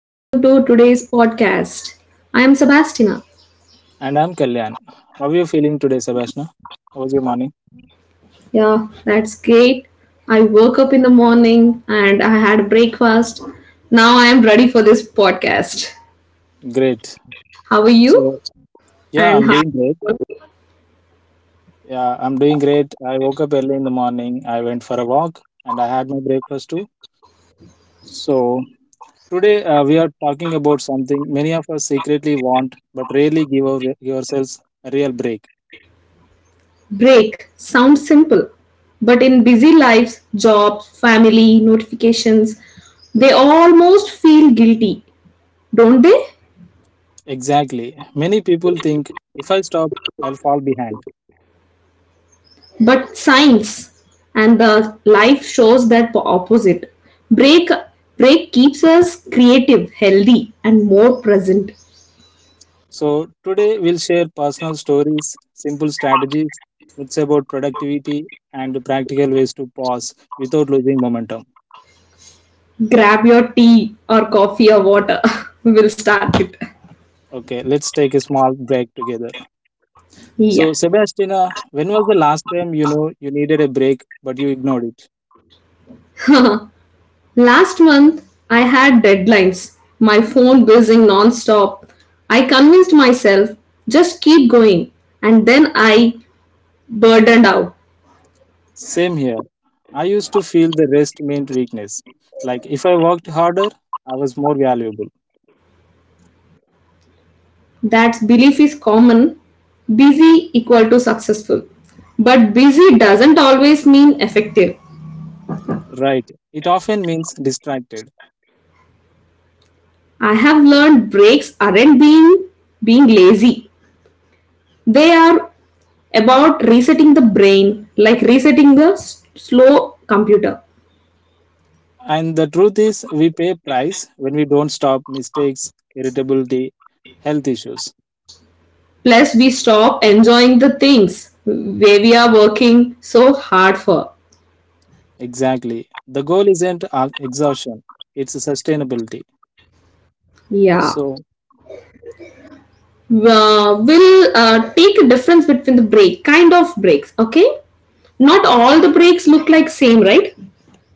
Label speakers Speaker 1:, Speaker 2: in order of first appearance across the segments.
Speaker 1: Welcome to today's podcast. I am Sebastina.
Speaker 2: And I'm Kalyan. How are you feeling today, Sebastian? How was your morning?
Speaker 1: Yeah, that's great. I woke up in the morning and I had breakfast. Now I am ready for this podcast.
Speaker 2: Great.
Speaker 1: How are you?
Speaker 2: So,
Speaker 1: And
Speaker 2: yeah, I'm
Speaker 1: how
Speaker 2: doing
Speaker 1: was your
Speaker 2: great.
Speaker 1: morning?
Speaker 2: Yeah, I'm doing great. I woke up early in the morning. I went for a walk and I had my breakfast too. So, today we are talking about something many of us secretly want but rarely give, give ourselves a real break.
Speaker 1: Break sounds simple, but in busy lives, jobs, family, notifications, they almost feel guilty, don't they?
Speaker 2: Exactly. Many people think if I stop, I'll fall behind.
Speaker 1: But science and the life shows that opposite. Break break keeps us creative, healthy and more present.
Speaker 2: So, today we'll share personal stories, simple strategies, myths about productivity, and practical ways to pause without losing momentum.
Speaker 1: Grab your tea or coffee or water. We'll start it.
Speaker 2: Okay, let's take a small break together.
Speaker 1: Yeah.
Speaker 2: So, Sebastiana, when was the last time you needed a break but you ignored it?
Speaker 1: Last month I had deadlines. My phone buzzing non-stop. I convinced myself, just keep going, and then I burdened out.
Speaker 2: Same here. I used to feel the rest meant weakness. Like if I worked harder, I was more valuable.
Speaker 1: That belief is common. Busy equal to successful, but busy doesn't always mean effective.
Speaker 2: Right. It often means distracted.
Speaker 1: I have learned breaks aren't being lazy. They are about resetting the brain, like resetting the slow computer.
Speaker 2: And the truth is, we pay price when we don't stop mistakes, irritability, health issues.
Speaker 1: Plus we stop enjoying the things where we are working so hard for.
Speaker 2: Exactly. The goal isn't exhaustion, it's sustainability.
Speaker 1: Yeah,
Speaker 2: So,
Speaker 1: will take a difference between the break, kind of breaks. Okay, not all the breaks look like same, right?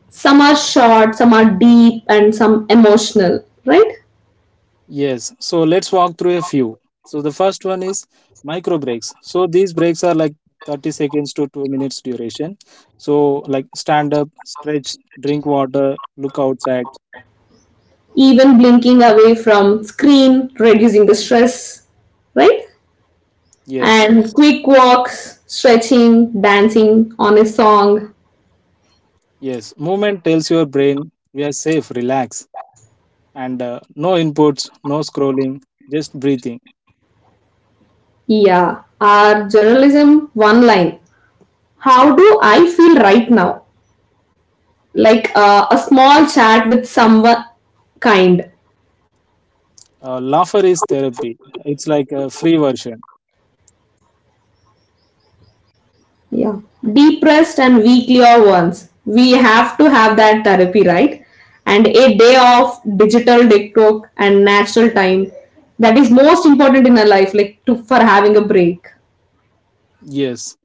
Speaker 1: Some are short, some are deep, and some emotional, right?
Speaker 2: yes. So, let's walk through a few. So, the first one is micro breaks. So, these breaks are like 30 seconds to 2 minutes duration. So, like stand up, stretch, drink water, look outside.
Speaker 1: Even blinking away from screen reducing the stress, right?
Speaker 2: Yes.
Speaker 1: And quick walks, stretching, dancing on a song.
Speaker 2: Yes. Movement tells your brain we are safe, relax. And no inputs, no scrolling, just breathing.
Speaker 1: Yeah, our journalism one line, how do I feel right now, like a small chat with someone kind.
Speaker 2: Laughter is therapy. It's like a free version.
Speaker 1: Yeah, depressed and weaklier ones we have to have that therapy, right? And a day off, digital detox and natural time, that is most important in our life, like to for having a break.
Speaker 2: Yes.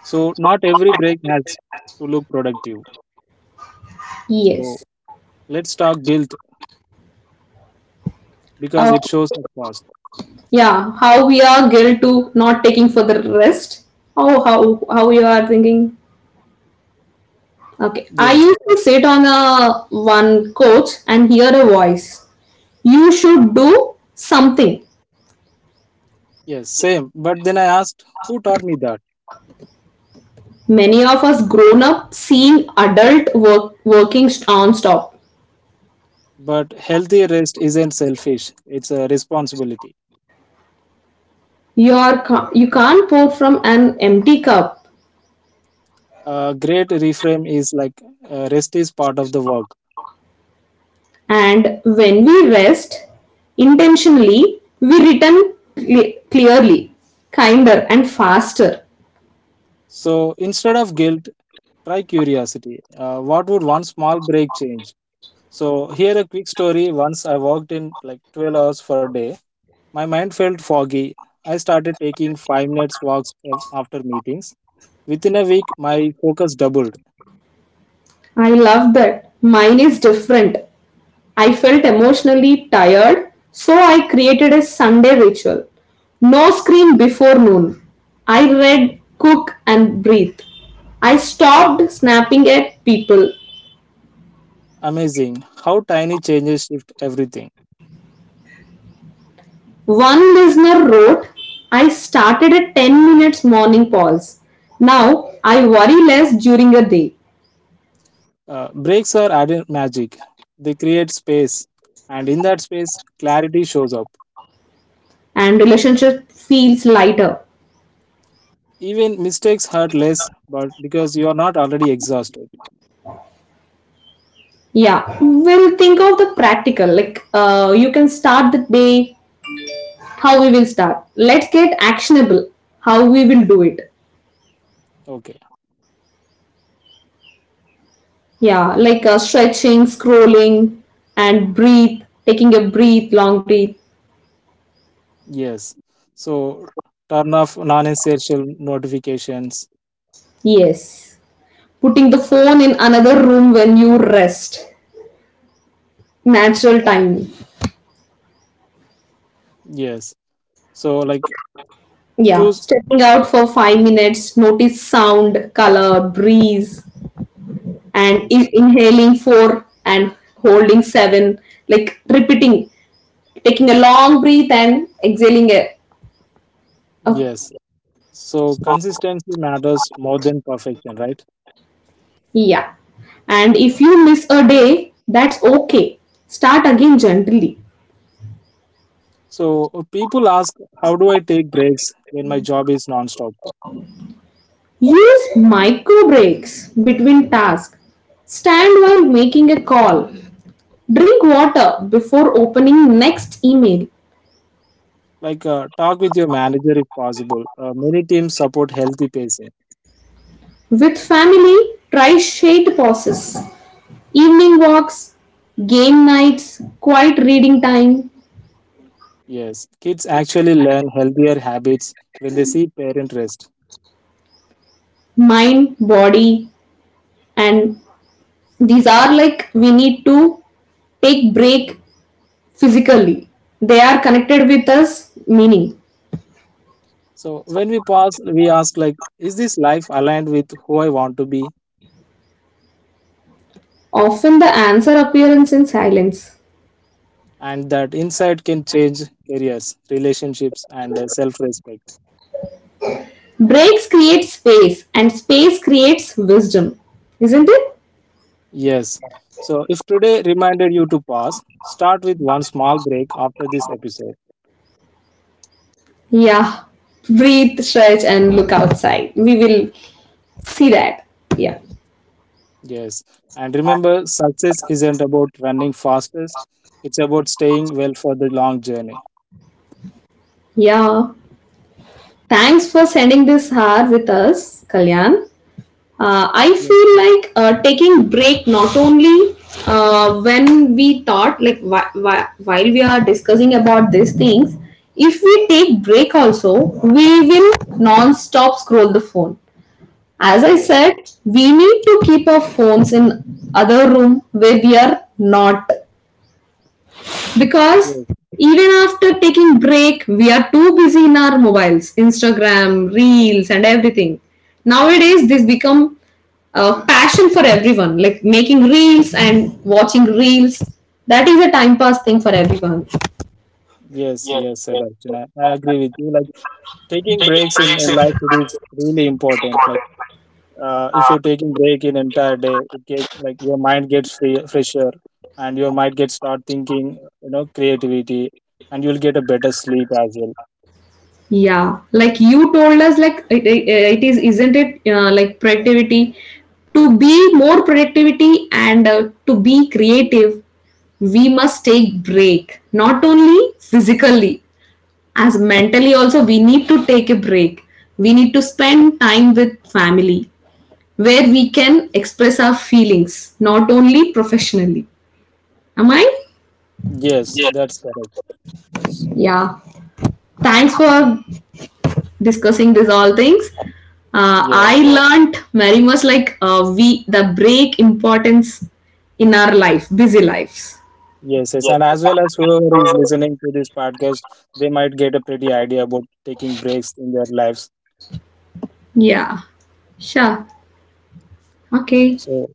Speaker 2: So not every break has to look productive. So
Speaker 1: Yes.
Speaker 2: let's talk guilt because it
Speaker 1: Okay,
Speaker 2: shows up fast.
Speaker 1: yeah, how we are guilt to not taking for the rest. Oh, how you are thinking. Okay, I
Speaker 2: Yes.
Speaker 1: used to sit on a one coach and hear a voice, you should do something.
Speaker 2: Yes. Same. But then I asked, who taught me that?
Speaker 1: Many of us grown up seeing adult work working non-stop.
Speaker 2: But healthy rest isn't selfish. It's a responsibility.
Speaker 1: You are you can't pour from an empty cup.
Speaker 2: A great reframe is like rest is part of the work.
Speaker 1: And when we rest intentionally we return clearly, kinder and faster.
Speaker 2: So instead of guilt, try curiosity. What would one small break change? So here a quick story. Once I worked in like 12 hours per day. My mind felt foggy. I started taking 5 minutes walks after meetings. Within a week, my focus doubled.
Speaker 1: I love that. Mine is different. I felt emotionally tired, so I created a Sunday ritual. No screen before noon. I read, cook, and breathe. I stopped snapping at people.
Speaker 2: Amazing how tiny changes shift everything.
Speaker 1: One listener wrote, I started a 10-minute minutes morning pause. Now I worry less during the day,
Speaker 2: Breaks are added magic. They create space, and in that space, clarity shows up.
Speaker 1: and relationship feels lighter.
Speaker 2: Even mistakes hurt less, but because you are not already exhausted.
Speaker 1: Yeah, we'll think of the practical. Like, you can start the day, how we will start. Let's get actionable, how we will do it.
Speaker 2: Okay.
Speaker 1: Yeah, like stretching, scrolling and breathe, taking a breath, long breath.
Speaker 2: Yes. So turn off non-essential notifications.
Speaker 1: Yes, putting the phone in another room when you rest, natural time.
Speaker 2: Yes. So, like,
Speaker 1: Step- yeah,
Speaker 2: choose.
Speaker 1: stepping out for 5 minutes, notice sound, color, breeze, and
Speaker 2: Yes.
Speaker 1: inhaling 4 and holding 7, like repeating, taking a long breath and exhaling a.
Speaker 2: Yes. So, consistency matters more than perfection, right?
Speaker 1: Yeah. And if you miss a day, that's okay. Start again gently.
Speaker 2: So, people ask, how do I take breaks when my job is nonstop?
Speaker 1: Use micro breaks between tasks. Stand while making a call. Drink water before opening next email.
Speaker 2: Like, talk with your manager if possible. Many teams support healthy pacing.
Speaker 1: With family, try shade pauses, evening walks, game nights, quiet reading time,
Speaker 2: Yes, kids actually learn healthier habits when they see parent rest.
Speaker 1: mind, body, and these are like we need to take break physically. They are connected with us, meaning.
Speaker 2: So, when we pause, we ask, like, is this life aligned with who I want to be?
Speaker 1: Often the answer appears in silence.
Speaker 2: And that insight can change careers, relationships, and self respect.
Speaker 1: Breaks create space, and space creates wisdom. Isn't it?
Speaker 2: Yes. So if today reminded you to pause, start with one small break after this episode.
Speaker 1: Yeah. Breathe, stretch, and look outside. We will see that. Yeah.
Speaker 2: Yes. And remember, success isn't about running fastest, it's about staying well for the long journey.
Speaker 1: Yeah. Thanks for sending this hour with us, Kalyan. I
Speaker 2: Yes.
Speaker 1: feel like, taking break not only when we thought like, while we are discussing about these things, if we take break also we will non-stop scroll the phone. As I
Speaker 2: Yes.
Speaker 1: said, we need to keep our phones in other room where we are not, because
Speaker 2: Yes.
Speaker 1: even after taking break we are too busy in our mobiles, instagram reels and everything. Nowadays this become a passion for everyone, like making reels and watching reels. That is a time pass thing for everyone.
Speaker 2: Yes. Yes, Sebastian. I agree with you. Like taking breaks in life, it is really important. Like if you're taking break in entire day, it gets like your mind gets free, fresher and your mind gets start thinking, you know, creativity and you'll get a better sleep as well.
Speaker 1: Yeah, like you told us, like it is, isn't it? Like productivity, to be more productivity and to be creative, we must take break. Not only physically, as mentally also, we need to take a break. We need to spend time with family, where we can express our feelings, not only professionally. Am I?
Speaker 2: Yes, that's correct.
Speaker 1: Yeah. Thanks for discussing these all things. I
Speaker 2: Yes,
Speaker 1: learnt very much, like we the break importance in our life, busy lives.
Speaker 2: yes, yes. And as well as whoever is listening to this podcast, they might get a pretty idea about taking breaks in their lives.
Speaker 1: Yeah, sure. Okay,
Speaker 2: So,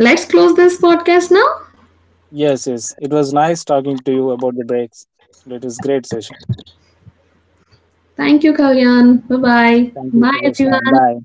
Speaker 1: let's close this podcast now.
Speaker 2: yes, yes. It was nice talking to you about the breaks. It was great session.
Speaker 1: Thank you, Kalyan. Bye bye.
Speaker 2: Thank you,
Speaker 1: Bye
Speaker 2: Kabeshna.
Speaker 1: everyone.
Speaker 2: Bye.